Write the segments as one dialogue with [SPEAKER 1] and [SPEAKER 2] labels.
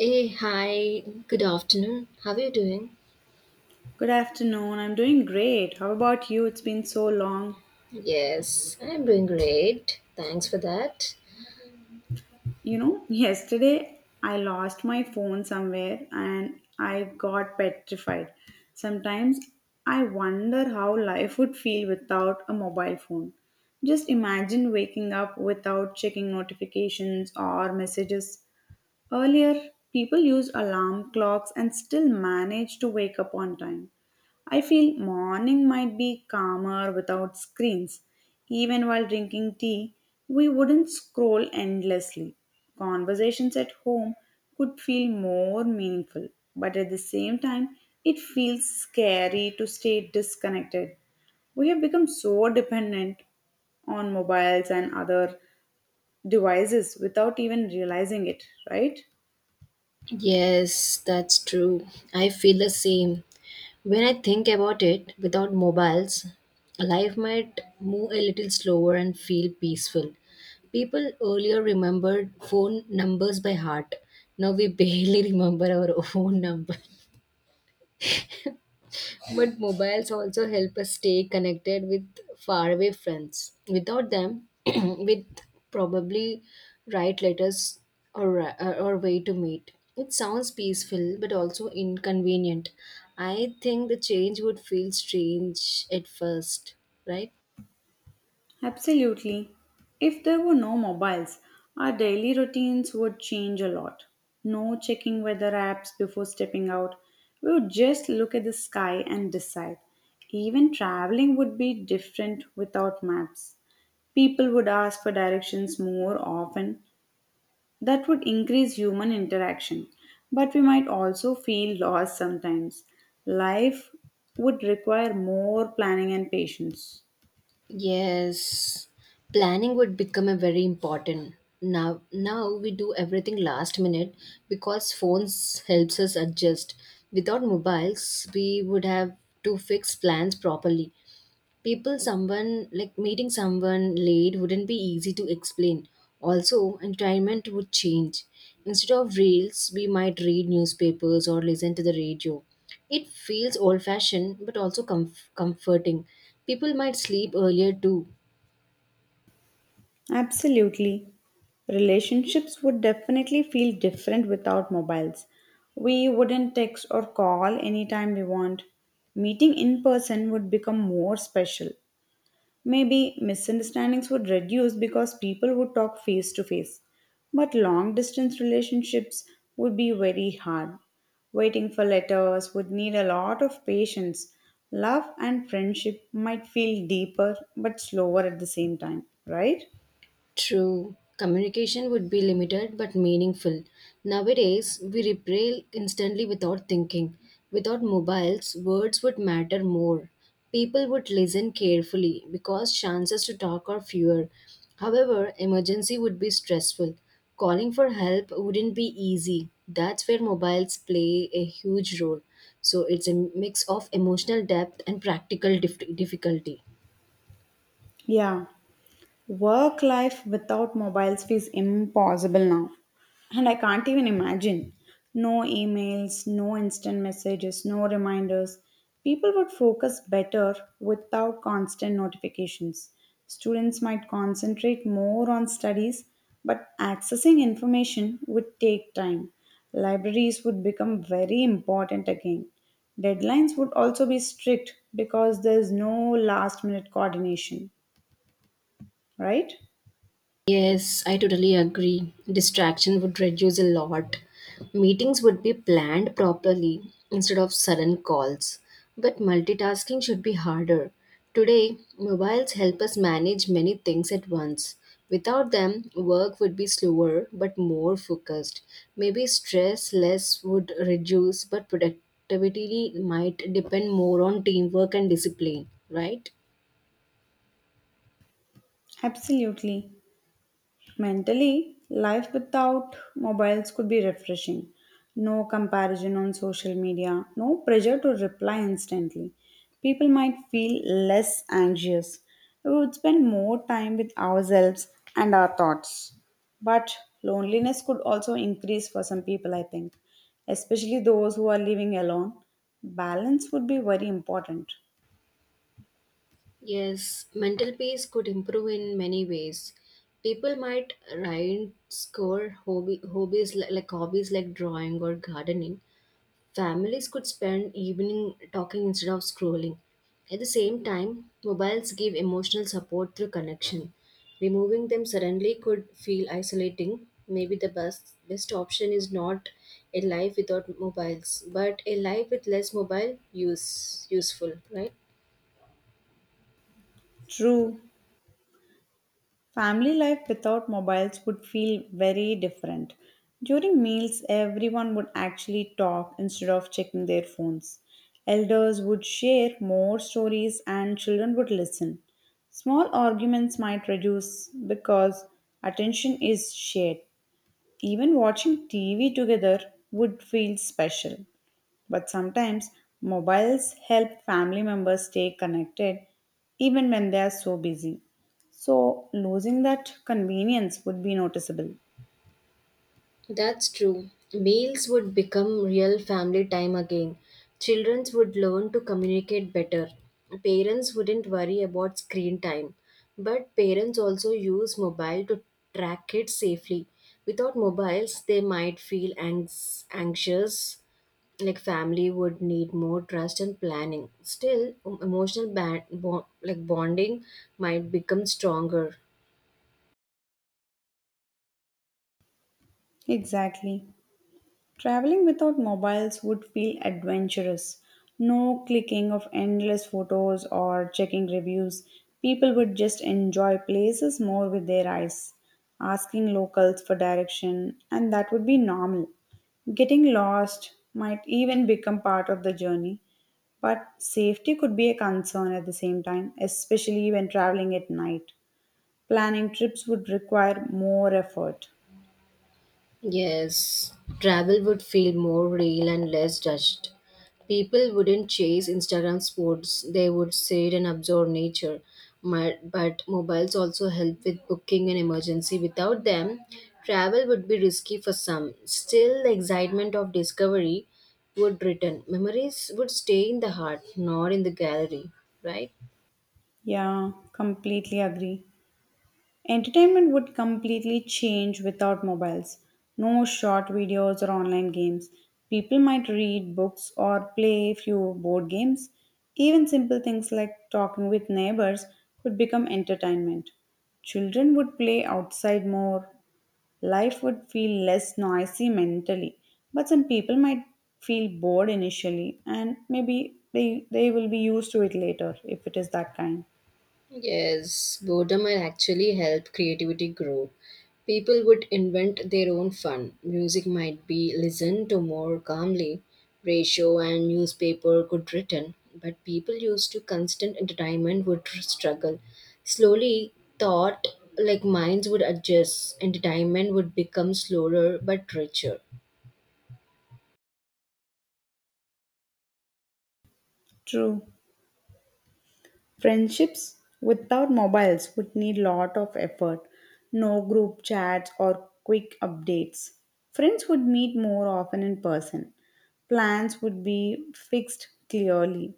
[SPEAKER 1] Hey, hi, good afternoon. How are you doing?
[SPEAKER 2] Good afternoon. I'm doing great. How about you? It's been so long.
[SPEAKER 1] Yes, I'm doing great. Thanks for that.
[SPEAKER 2] You know, yesterday I lost my phone somewhere and I got petrified. Sometimes I wonder how life would feel without a mobile phone. Just imagine waking up without checking notifications or messages. Earlier, people used alarm clocks and still managed to wake up on time. I feel morning might be calmer without screens. Even while drinking tea, we wouldn't scroll endlessly. Conversations at home could feel more meaningful, but at the same time, it feels scary to stay disconnected. We have become so dependent on mobiles and other devices without even realizing it, right?
[SPEAKER 1] Yes, that's true. I feel the same. When I think about it, without mobiles, life might move a little slower and feel peaceful. People earlier remembered phone numbers by heart. Now we barely remember our own number. But mobiles also help us stay connected with faraway friends. Without them, we'd probably write letters or, ri- or way to meet. It sounds peaceful but also inconvenient. I think the change would feel strange at first, right?
[SPEAKER 2] Absolutely. If there were no mobiles, our daily routines would change a lot. No checking weather apps before stepping out. We would just look at the sky and decide. Even traveling would be different without maps. People would ask for directions more often. That would increase human interaction. But we might also feel lost sometimes. Life would require more planning and patience.
[SPEAKER 1] Yes, planning would become a very important. Now we do everything last minute because phones helps us adjust. Without mobiles, we would have to fix plans properly, people, someone like meeting someone late wouldn't be easy to explain. Also, entertainment would change. Instead of reels we might read newspapers or listen to the radio. It feels old fashioned but also comforting. People might sleep earlier too.
[SPEAKER 2] Absolutely. Relationships would definitely feel different without mobiles. We wouldn't text or call anytime we want. Meeting in person would become more special. Maybe misunderstandings would reduce because people would talk face to face. But long distance relationships would be very hard. Waiting for letters would need a lot of patience. Love and friendship might feel deeper but slower at the same time, right?
[SPEAKER 1] True. Communication would be limited but meaningful. Nowadays, we reply instantly without thinking. Without mobiles, words would matter more. People would listen carefully because chances to talk are fewer. However, emergency would be stressful. Calling for help wouldn't be easy. That's where mobiles play a huge role. So it's a mix of emotional depth and practical difficulty.
[SPEAKER 2] Yeah. Work life without mobiles feels impossible now. And I can't even imagine. No emails, no instant messages, no reminders. People would focus better without constant notifications. Students might concentrate more on studies, but accessing information would take time. Libraries would become very important again. Deadlines would also be strict because there's no last minute coordination, right?
[SPEAKER 1] Yes, I totally agree. Distraction would reduce a lot. Meetings would be planned properly instead of sudden calls. But multitasking should be harder. Today, mobiles help us manage many things at once. Without them, work would be slower but more focused. Maybe stress less would reduce, but productivity might depend more on teamwork and discipline, right?
[SPEAKER 2] Absolutely. Mentally, life without mobiles could be refreshing. No comparison on social media, no pressure to reply instantly. People might feel less anxious. We would spend more time with ourselves and our thoughts. But loneliness could also increase for some people, I think, especially those who are living alone. Balance would be very important.
[SPEAKER 1] Yes, mental peace could improve in many ways. People might write, score hobby, hobbies li- like hobbies like drawing or gardening. Families could spend evening talking instead of scrolling. At the same time, mobiles give emotional support through connection. Removing them suddenly could feel isolating. Maybe the best option is not a life without mobiles, but a life with less mobile useful, right?
[SPEAKER 2] True. Family life without mobiles would feel very different. During meals, everyone would actually talk instead of checking their phones. Elders would share more stories and children would listen. Small arguments might reduce because attention is shared. Even watching TV together would feel special. But sometimes mobiles help family members stay connected even when they are so busy. So losing that convenience would be noticeable.
[SPEAKER 1] That's true. Meals would become real family time again. Children would learn to communicate better. Parents wouldn't worry about screen time. But parents also use mobile to track kids safely. Without mobiles, they might feel anxious. Like family would need more trust and planning. Still, emotional bonding might become stronger.
[SPEAKER 2] Exactly. Traveling without mobiles would feel adventurous. No clicking of endless photos or checking reviews. People would just enjoy places more with their eyes, asking locals for direction, and that would be normal. Getting lost might even become part of the journey, but safety could be a concern at the same time, especially when traveling at night. Planning trips would require more effort.
[SPEAKER 1] Yes, travel would feel more real and less judged. People wouldn't chase Instagram sports, they would sit and absorb nature. My, but mobiles also help with booking an emergency. Without them, travel would be risky for some. Still, the excitement of discovery would return. Memories would stay in the heart, not in the gallery, right?
[SPEAKER 2] Yeah, completely agree. Entertainment would completely change without mobiles. No short videos or online games. People might read books or play few board games. Even simple things like talking with neighbors could become entertainment. Children would play outside more. Life would feel less noisy mentally. But some people might feel bored initially and maybe they will be used to it later if it is that kind.
[SPEAKER 1] Yes, boredom will actually help creativity grow. People would invent their own fun. Music might be listened to more calmly. Radio and newspaper could written, but people used to constant entertainment would struggle. Slowly, thought like minds would adjust. Entertainment would become slower but richer.
[SPEAKER 2] True. Friendships without mobiles would need lot of effort. No group chats or quick updates. Friends would meet more often in person. Plans would be fixed clearly.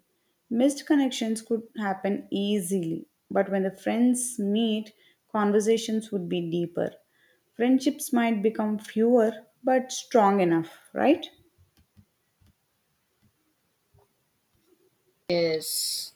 [SPEAKER 2] Missed connections could happen easily, but when the friends meet, conversations would be deeper. Friendships might become fewer but strong enough, right?
[SPEAKER 1] Yes.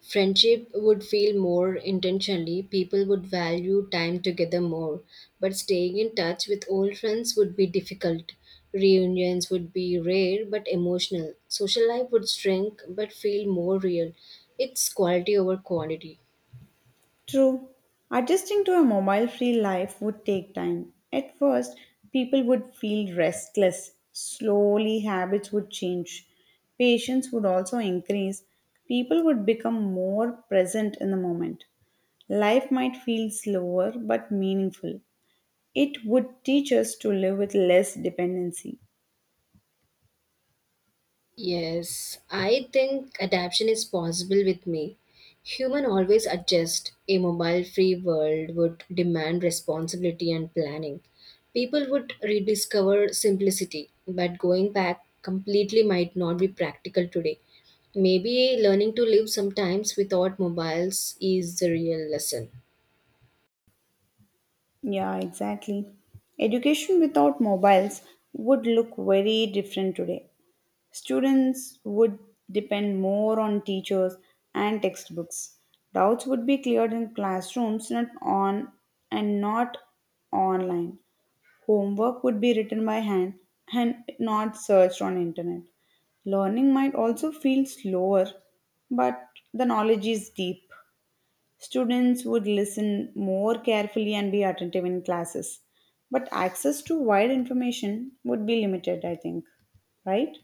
[SPEAKER 1] Friendship would feel more intentionally, people would value time together more, but staying in touch with old friends would be difficult. Reunions would be rare but emotional. Social life would shrink but feel more real. It's quality over quantity.
[SPEAKER 2] True. Adjusting to a mobile free life would take time. At first, people would feel restless. Slowly, habits would change. Patience would also increase. People would become more present in the moment. Life might feel slower but meaningful. It would teach us to live with less dependency.
[SPEAKER 1] Yes, I think adaptation is possible with me. Human always adjust. A mobile free world would demand responsibility and planning. People would rediscover simplicity, but going back completely might not be practical today. Maybe learning to live sometimes without mobiles is the real lesson.
[SPEAKER 2] Yeah, exactly. Education without mobiles would look very different today. Students would depend more on teachers and textbooks. Doubts would be cleared in classrooms, not on and not online. Homework would be written by hand and not searched on internet. Learning might also feel slower, but the knowledge is deep. Students would listen more carefully and be attentive in classes. But access to wide information would be limited, I think. Right?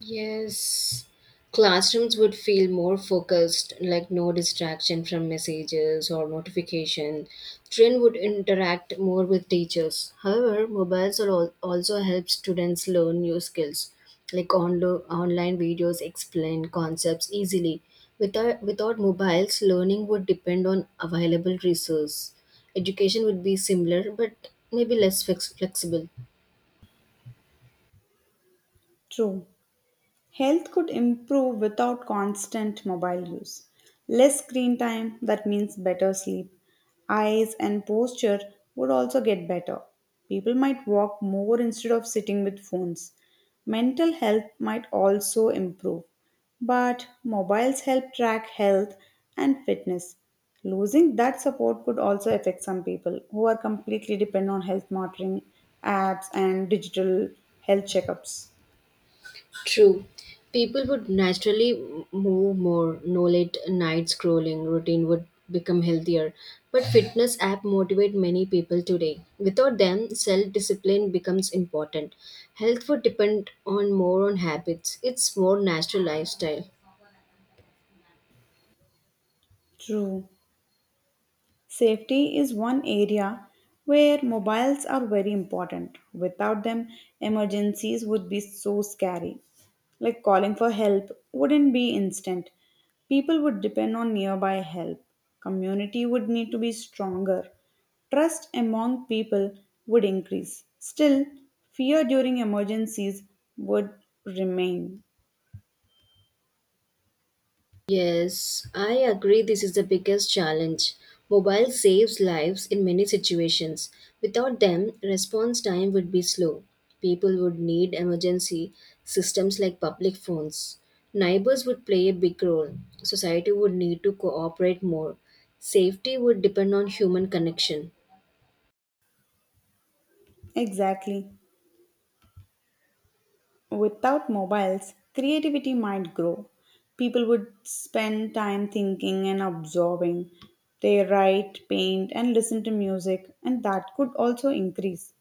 [SPEAKER 1] Yes, classrooms would feel more focused, like no distraction from messages or notification. Children would interact more with teachers. However, mobiles are also help students learn new skills, like online videos explain concepts easily. Without mobiles, learning would depend on available resources. Education would be similar, but maybe less flexible.
[SPEAKER 2] True. Health could improve without constant mobile use. Less screen time, that means better sleep. Eyes and posture would also get better. People might walk more instead of sitting with phones. Mental health might also improve. But mobiles help track health and fitness. Losing that support could also affect some people who are completely dependent on health monitoring apps and digital health checkups.
[SPEAKER 1] True. People would naturally move more, no late night scrolling routine would become healthier. But fitness app motivate many people today. Without them, self-discipline becomes important. Health would depend on more on habits. It's more natural lifestyle.
[SPEAKER 2] True. Safety is one area where mobiles are very important. Without them, emergencies would be so scary. Like calling for help wouldn't be instant. People would depend on nearby help. Community would need to be stronger. Trust among people would increase. Still, fear during emergencies would remain.
[SPEAKER 1] Yes, I agree this is the biggest challenge. Mobile saves lives in many situations. Without them, response time would be slow. People would need emergency systems like public phones. Neighbors would play a big role. Society would need to cooperate more. Safety would depend on human connection.
[SPEAKER 2] Exactly. Without mobiles, creativity might grow. People would spend time thinking and absorbing. They write, paint, and listen to music, and that could also increase.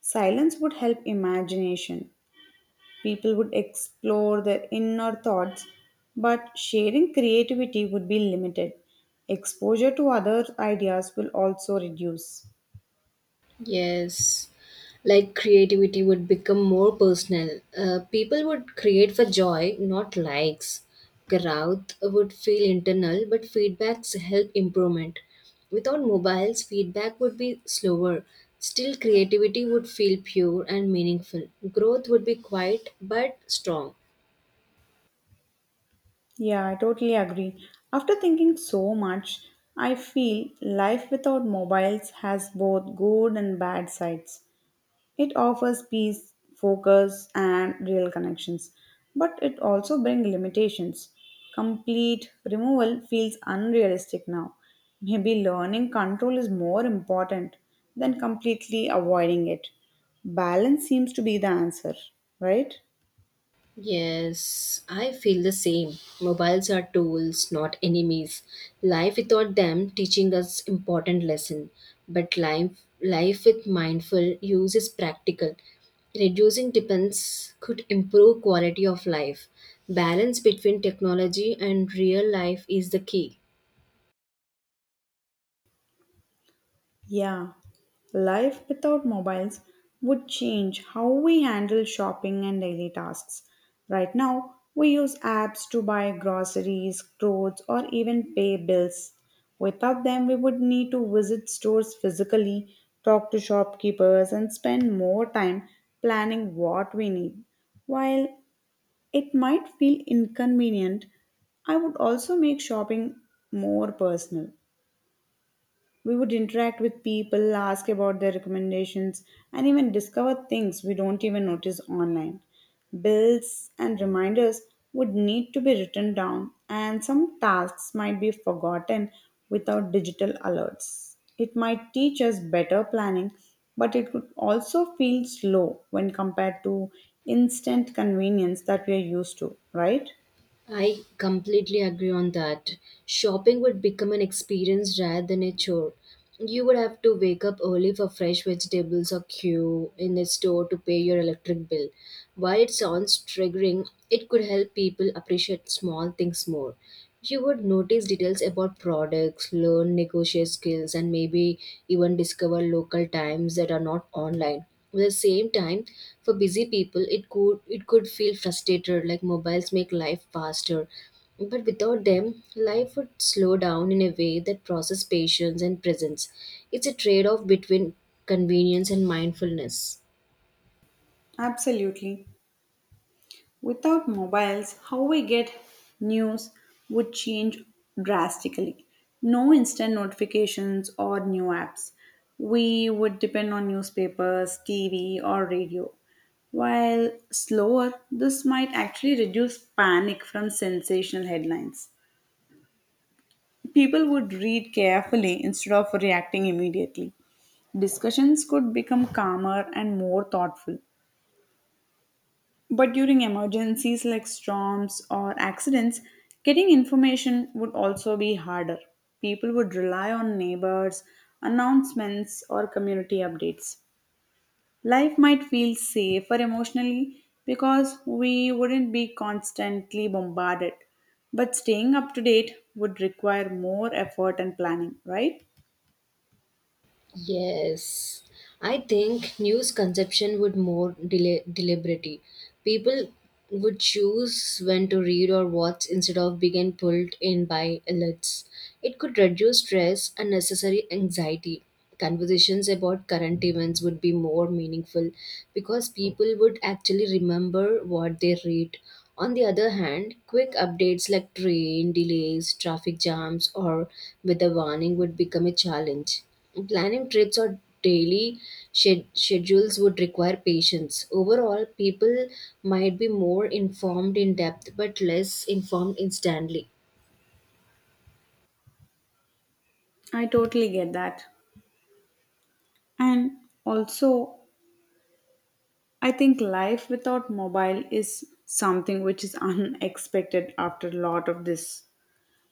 [SPEAKER 2] Silence would help imagination. People would explore their inner thoughts, but sharing creativity would be limited. Exposure to other ideas will also reduce.
[SPEAKER 1] Yes, like creativity would become more personal. People would create for joy, not likes. Growth would feel internal, but feedbacks help improvement. Without mobiles, feedback would be slower. Still, creativity would feel pure and meaningful. Growth would be quiet but strong.
[SPEAKER 2] Yeah, I totally agree. After thinking so much, I feel life without mobiles has both good and bad sides. It offers peace, focus, and real connections, but it also brings limitations. Complete removal feels unrealistic now. Maybe learning control is more important than completely avoiding it. Balance seems to be the answer, right?
[SPEAKER 1] Yes, I feel the same. Mobiles are tools, not enemies. Life without them teaching us important lesson, but life with mindful use is practical. Reducing dependence could improve quality of life. Balance between technology and real life is the key.
[SPEAKER 2] Yeah, life without mobiles would change how we handle shopping and daily tasks. Right now, we use apps to buy groceries, clothes, or even pay bills. Without them, we would need to visit stores physically, talk to shopkeepers, and spend more time planning what we need. While it might feel inconvenient, I would also make shopping more personal. We would interact with people, ask about their recommendations, and even discover things we don't even notice online. Bills and reminders would need to be written down, and some tasks might be forgotten without digital alerts. It might teach us better planning, but it could also feel slow when compared to instant convenience that we are used to, right?
[SPEAKER 1] I completely agree on that. Shopping would become an experience rather than a chore. You would have to wake up early for fresh vegetables or queue in a store to pay your electric bill. While it sounds triggering, it could help people appreciate small things more. You would notice details about products, learn negotiate skills, and maybe even discover local times that are not online. At the same time, for busy people, it could feel frustrated, like mobiles make life faster. But without them, life would slow down in a way that process patience and presence. It's a trade-off between convenience and mindfulness.
[SPEAKER 2] Absolutely. Without mobiles, how we get news would change drastically. No instant notifications or new apps. We would depend on newspapers, TV, or radio. While slower, this might actually reduce panic from sensational headlines. People would read carefully instead of reacting immediately. Discussions could become calmer and more thoughtful. But during emergencies like storms or accidents, getting information would also be harder. People would rely on neighbors, announcements, or community updates. Life might feel safer emotionally because we wouldn't be constantly bombarded. But staying up to date would require more effort and planning, right?
[SPEAKER 1] Yes, I think news consumption would more deliberate. People would choose when to read or watch instead of being pulled in by alerts. It could reduce stress and necessary anxiety. Conversations about current events would be more meaningful because people would actually remember what they read. On the other hand, quick updates like train delays, traffic jams, or weather warning would become a challenge. Planning trips or daily schedules would require patience. Overall, people might be more informed in depth but less informed instantly.
[SPEAKER 2] I totally get that. And also, I think life without mobile is something which is unexpected after a lot of this.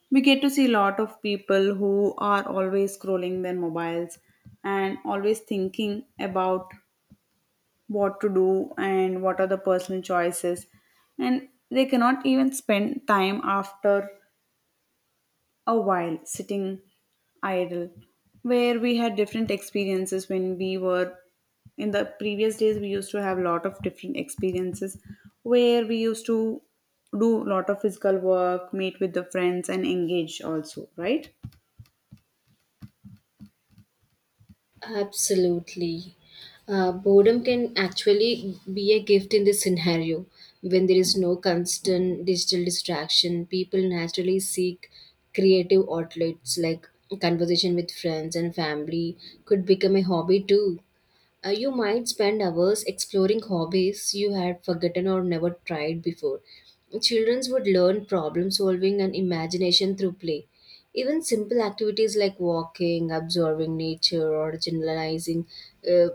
[SPEAKER 2] We get to see a lot of people who are always scrolling their mobiles and always thinking about what to do and what are the personal choices, and they cannot even spend time after a while sitting idle where we had different experiences when we were in the previous days we used to have a lot of different experiences where we used to do a lot of physical work, meet with the friends and engage also, right?
[SPEAKER 1] Absolutely. Boredom can actually be a gift in this scenario. When there is no constant digital distraction, people naturally seek creative outlets like conversation with friends and family could become a hobby too. You might spend hours exploring hobbies you had forgotten or never tried before. Children would learn problem solving and imagination through play. Even simple activities like walking, observing nature, or generalizing, uh,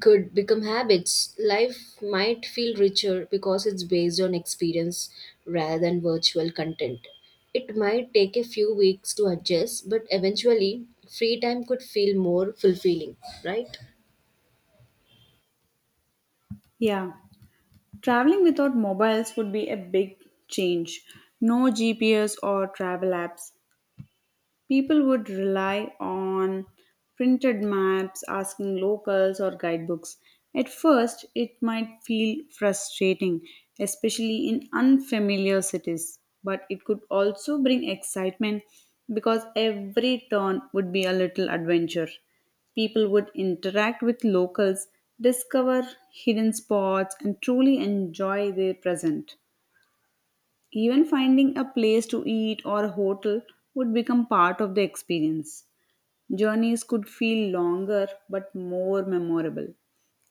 [SPEAKER 1] could become habits. Life might feel richer because it's based on experience rather than virtual content. It might take a few weeks to adjust, but eventually, free time could feel more fulfilling, right?
[SPEAKER 2] Yeah, traveling without mobiles would be a big change. No GPS or travel apps. People would rely on printed maps, asking locals, or guidebooks. At first, it might feel frustrating, especially in unfamiliar cities, but it could also bring excitement because every turn would be a little adventure. People would interact with locals, discover hidden spots, and truly enjoy their present. Even finding a place to eat or a hotel would become part of the experience. Journeys could feel longer but more memorable.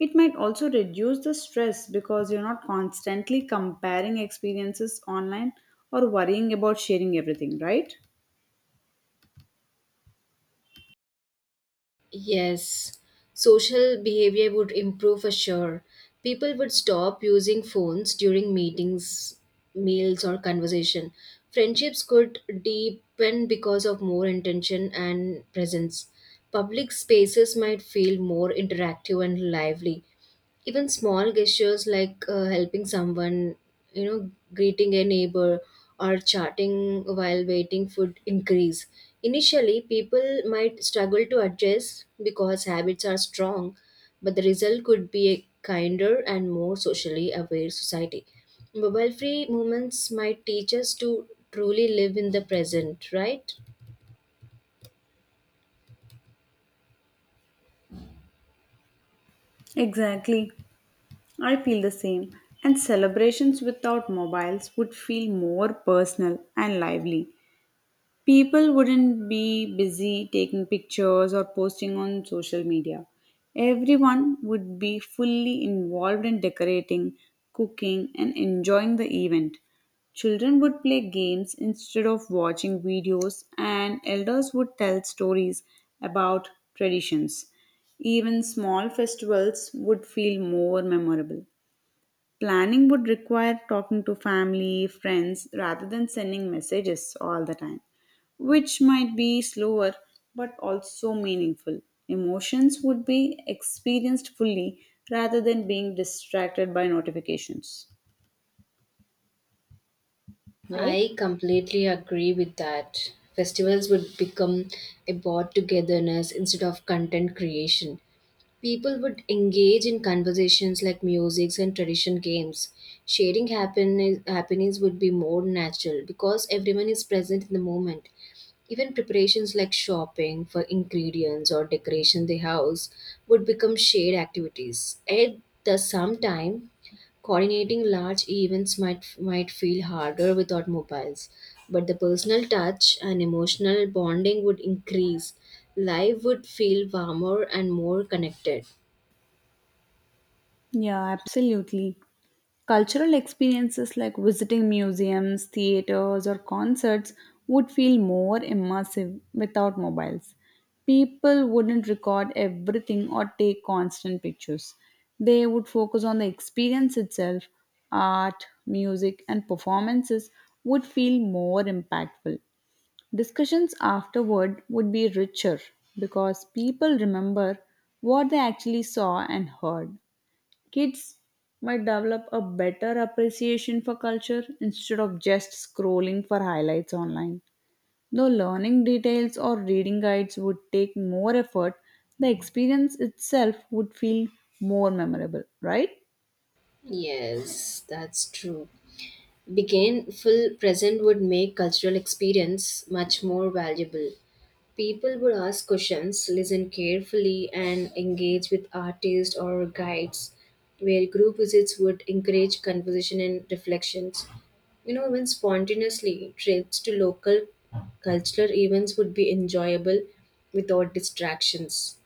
[SPEAKER 2] It might also reduce the stress because you're not constantly comparing experiences online or worrying about sharing everything, right?
[SPEAKER 1] Yes, social behavior would improve for sure. People would stop using phones during meetings, meals, or conversation. Friendships could deepen because of more intention and presence. Public spaces might feel more interactive and lively. Even small gestures like helping someone, you know greeting a neighbor or chatting while waiting would increase. Initially, people might struggle to adjust because habits are strong, but the result could be a kinder and more socially aware society. Mobile free movements might teach us to truly live in the present, right?
[SPEAKER 2] Exactly. I feel the same. And celebrations without mobiles would feel more personal and lively. People wouldn't be busy taking pictures or posting on social media. Everyone would be fully involved in decorating, cooking, and enjoying the event. Children would play games instead of watching videos, and elders would tell stories about traditions. Even small festivals would feel more memorable. Planning would require talking to family, friends, rather than sending messages all the time, which might be slower but also meaningful. Emotions would be experienced fully rather than being distracted by notifications. Right?
[SPEAKER 1] I completely agree with that. Festivals would become about togetherness instead of content creation. People would engage in conversations like music and tradition games. Sharing happenings would be more natural because everyone is present in the moment. Even preparations like shopping for ingredients or decoration the house would become shared activities. At the same time, coordinating large events might feel harder without mobiles, but the personal touch and emotional bonding would increase. Life would feel warmer and more connected.
[SPEAKER 2] Yeah, absolutely. Cultural experiences like visiting museums, theaters, or concerts would feel more immersive without mobiles. People wouldn't record everything or take constant pictures. They would focus on the experience itself. Art, music, and performances would feel more impactful. Discussions afterward would be richer because people remember what they actually saw and heard. Kids might develop a better appreciation for culture instead of just scrolling for highlights online. Though learning details or reading guides would take more effort, the experience itself would feel more memorable, right?
[SPEAKER 1] Yes, that's true. Being full present would make cultural experience much more valuable. People would ask questions, listen carefully, and engage with artists or guides, where group visits would encourage conversation and reflections. You know, even spontaneously, trips to local cultural events would be enjoyable without distractions.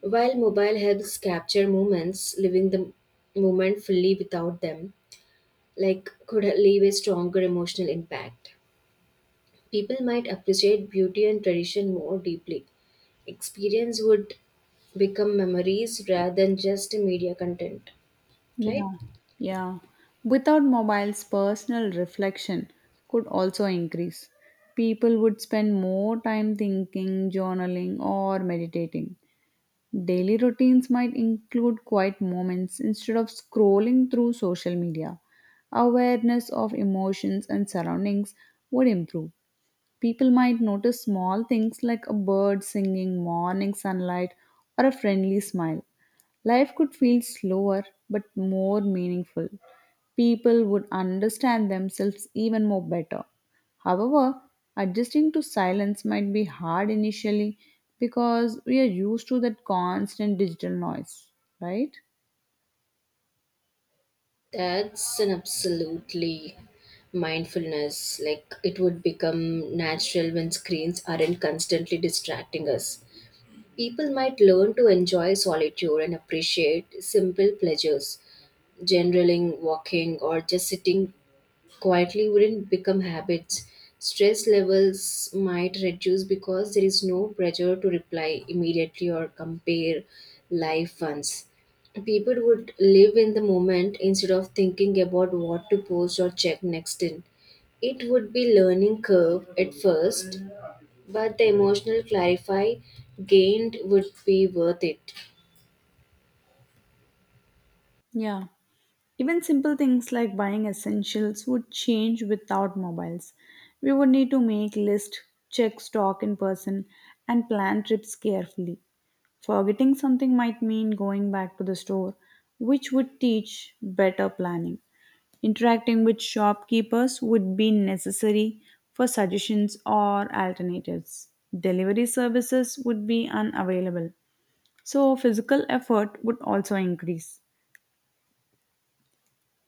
[SPEAKER 1] While mobile helps capture moments, living the moment fully without them, like could leave a stronger emotional impact. People might appreciate beauty and tradition more deeply. Experience would become memories rather than just media content, right?
[SPEAKER 2] Yeah. Yeah. Without mobiles, personal reflection could also increase. People would spend more time thinking, journaling, or meditating. Daily routines might include quiet moments instead of scrolling through social media. Awareness of emotions and surroundings would improve. People might notice small things like a bird singing, morning sunlight, or a friendly smile. Life could feel slower but more meaningful. People would understand themselves even more better. However, adjusting to silence might be hard initially because we are used to that constant digital noise, right?
[SPEAKER 1] That's an absolutely mindfulness. Like it would become natural when screens aren't constantly distracting us. People might learn to enjoy solitude and appreciate simple pleasures, generaling, walking, or just sitting quietly wouldn't become habits. Stress levels might reduce because there is no pressure to reply immediately or compare life once. People would live in the moment instead of thinking about what to post or check next in. It would be learning curve at first, but the emotional clarify gained would be worth it.
[SPEAKER 2] Yeah. Even simple things like buying essentials would change without mobiles. We would need to make lists, check stock in person, and plan trips carefully. Forgetting something might mean going back to the store, which would teach better planning. Interacting with shopkeepers would be necessary for suggestions or alternatives. Delivery services would be unavailable, so physical effort would also increase.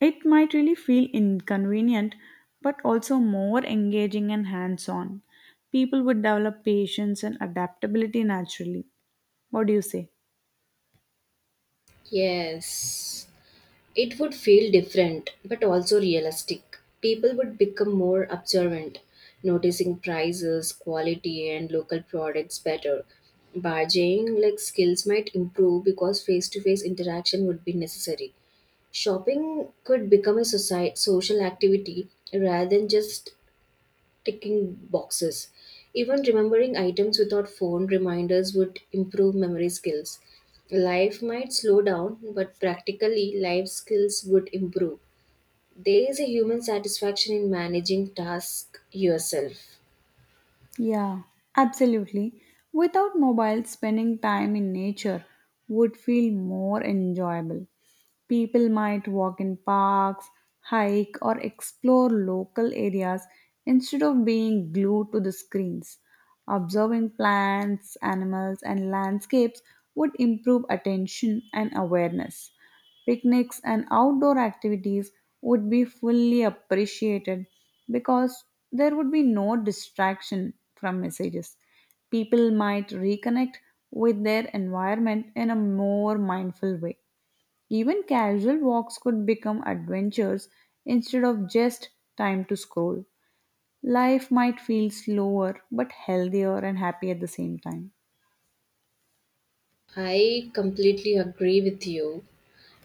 [SPEAKER 2] It might really feel inconvenient, but also more engaging and hands on. People would develop patience and adaptability naturally. What do you say?
[SPEAKER 1] Yes. It would feel different, but also realistic. People would become more observant, noticing prices, quality, and local products better. Bargaining like skills might improve because face-to-face interaction would be necessary. Shopping could become a society, social activity rather than just ticking boxes. Even remembering items without phone reminders would improve memory skills. Life might slow down, but practically, life skills would improve. There is a human satisfaction in managing tasks yourself.
[SPEAKER 2] Yeah, absolutely. Without mobiles, spending time in nature would feel more enjoyable. People might walk in parks, hike, or explore local areas instead of being glued to the screens. Observing plants, animals, and landscapes would improve attention and awareness. Picnics and outdoor activities would be fully appreciated because there would be no distraction from messages. People might reconnect with their environment in a more mindful way. Even casual walks could become adventures instead of just time to scroll. Life might feel slower but healthier and happy at the same time.
[SPEAKER 1] I completely agree with you.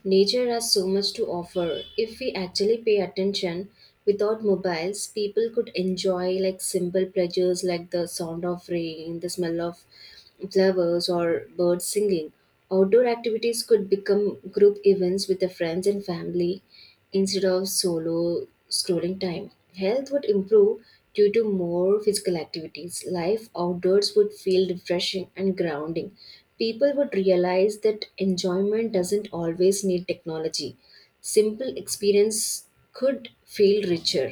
[SPEAKER 1] Nature has so much to offer. If we actually pay attention, without mobiles, people could enjoy like simple pleasures like the sound of rain, the smell of flowers, or birds singing. Outdoor activities could become group events with the friends and family instead of solo scrolling time. Health would improve due to more physical activities. Life outdoors would feel refreshing and grounding. People would realize that enjoyment doesn't always need technology. Simple experience could feel richer.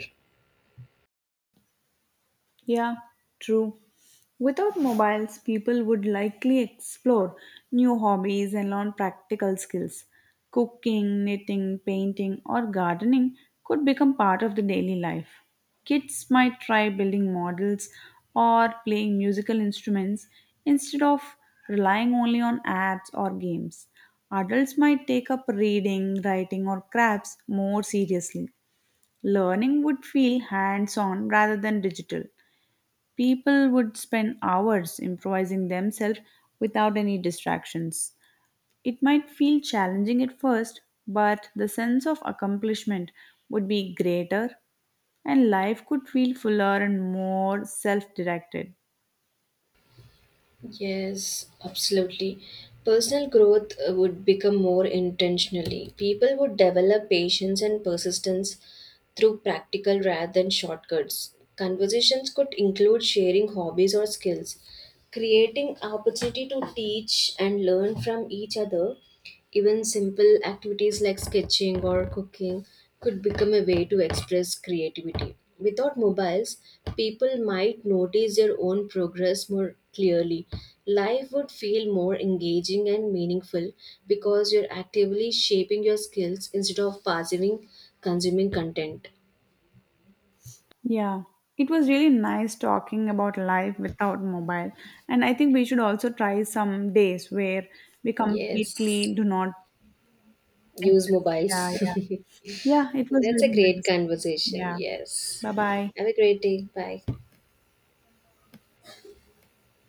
[SPEAKER 2] Yeah, true. Without mobiles, people would likely explore new hobbies and learn practical skills. Cooking, knitting, painting, or gardening could become part of the daily life. Kids might try building models or playing musical instruments instead of relying only on apps or games. Adults might take up reading, writing, or crafts more seriously. Learning would feel hands on rather than digital. People would spend hours improvising themselves without any distractions. It might feel challenging at first, but the sense of accomplishment would be greater and life could feel fuller and more self directed.
[SPEAKER 1] Yes, absolutely. Personal growth, would become more intentionally. People would develop patience and persistence through practical rather than shortcuts. Conversations could include sharing hobbies or skills, creating opportunity to teach and learn from each other. Even simple activities like sketching or cooking could become a way to express creativity. Without mobiles, people might notice their own progress more clearly. Life would feel more engaging and meaningful because you're actively shaping your skills instead of passively consuming content.
[SPEAKER 2] Yeah, it was really nice talking about life without mobile. And I think we should also try some days where we
[SPEAKER 1] Yes,
[SPEAKER 2] completely do not exist.
[SPEAKER 1] use
[SPEAKER 2] Yeah,
[SPEAKER 1] mobiles.
[SPEAKER 2] yeah. Yeah, it was
[SPEAKER 1] That's
[SPEAKER 2] very
[SPEAKER 1] a great
[SPEAKER 2] nice.
[SPEAKER 1] conversation.
[SPEAKER 2] Yeah.
[SPEAKER 1] Yes.
[SPEAKER 2] Bye bye.
[SPEAKER 1] Have a great day. Bye.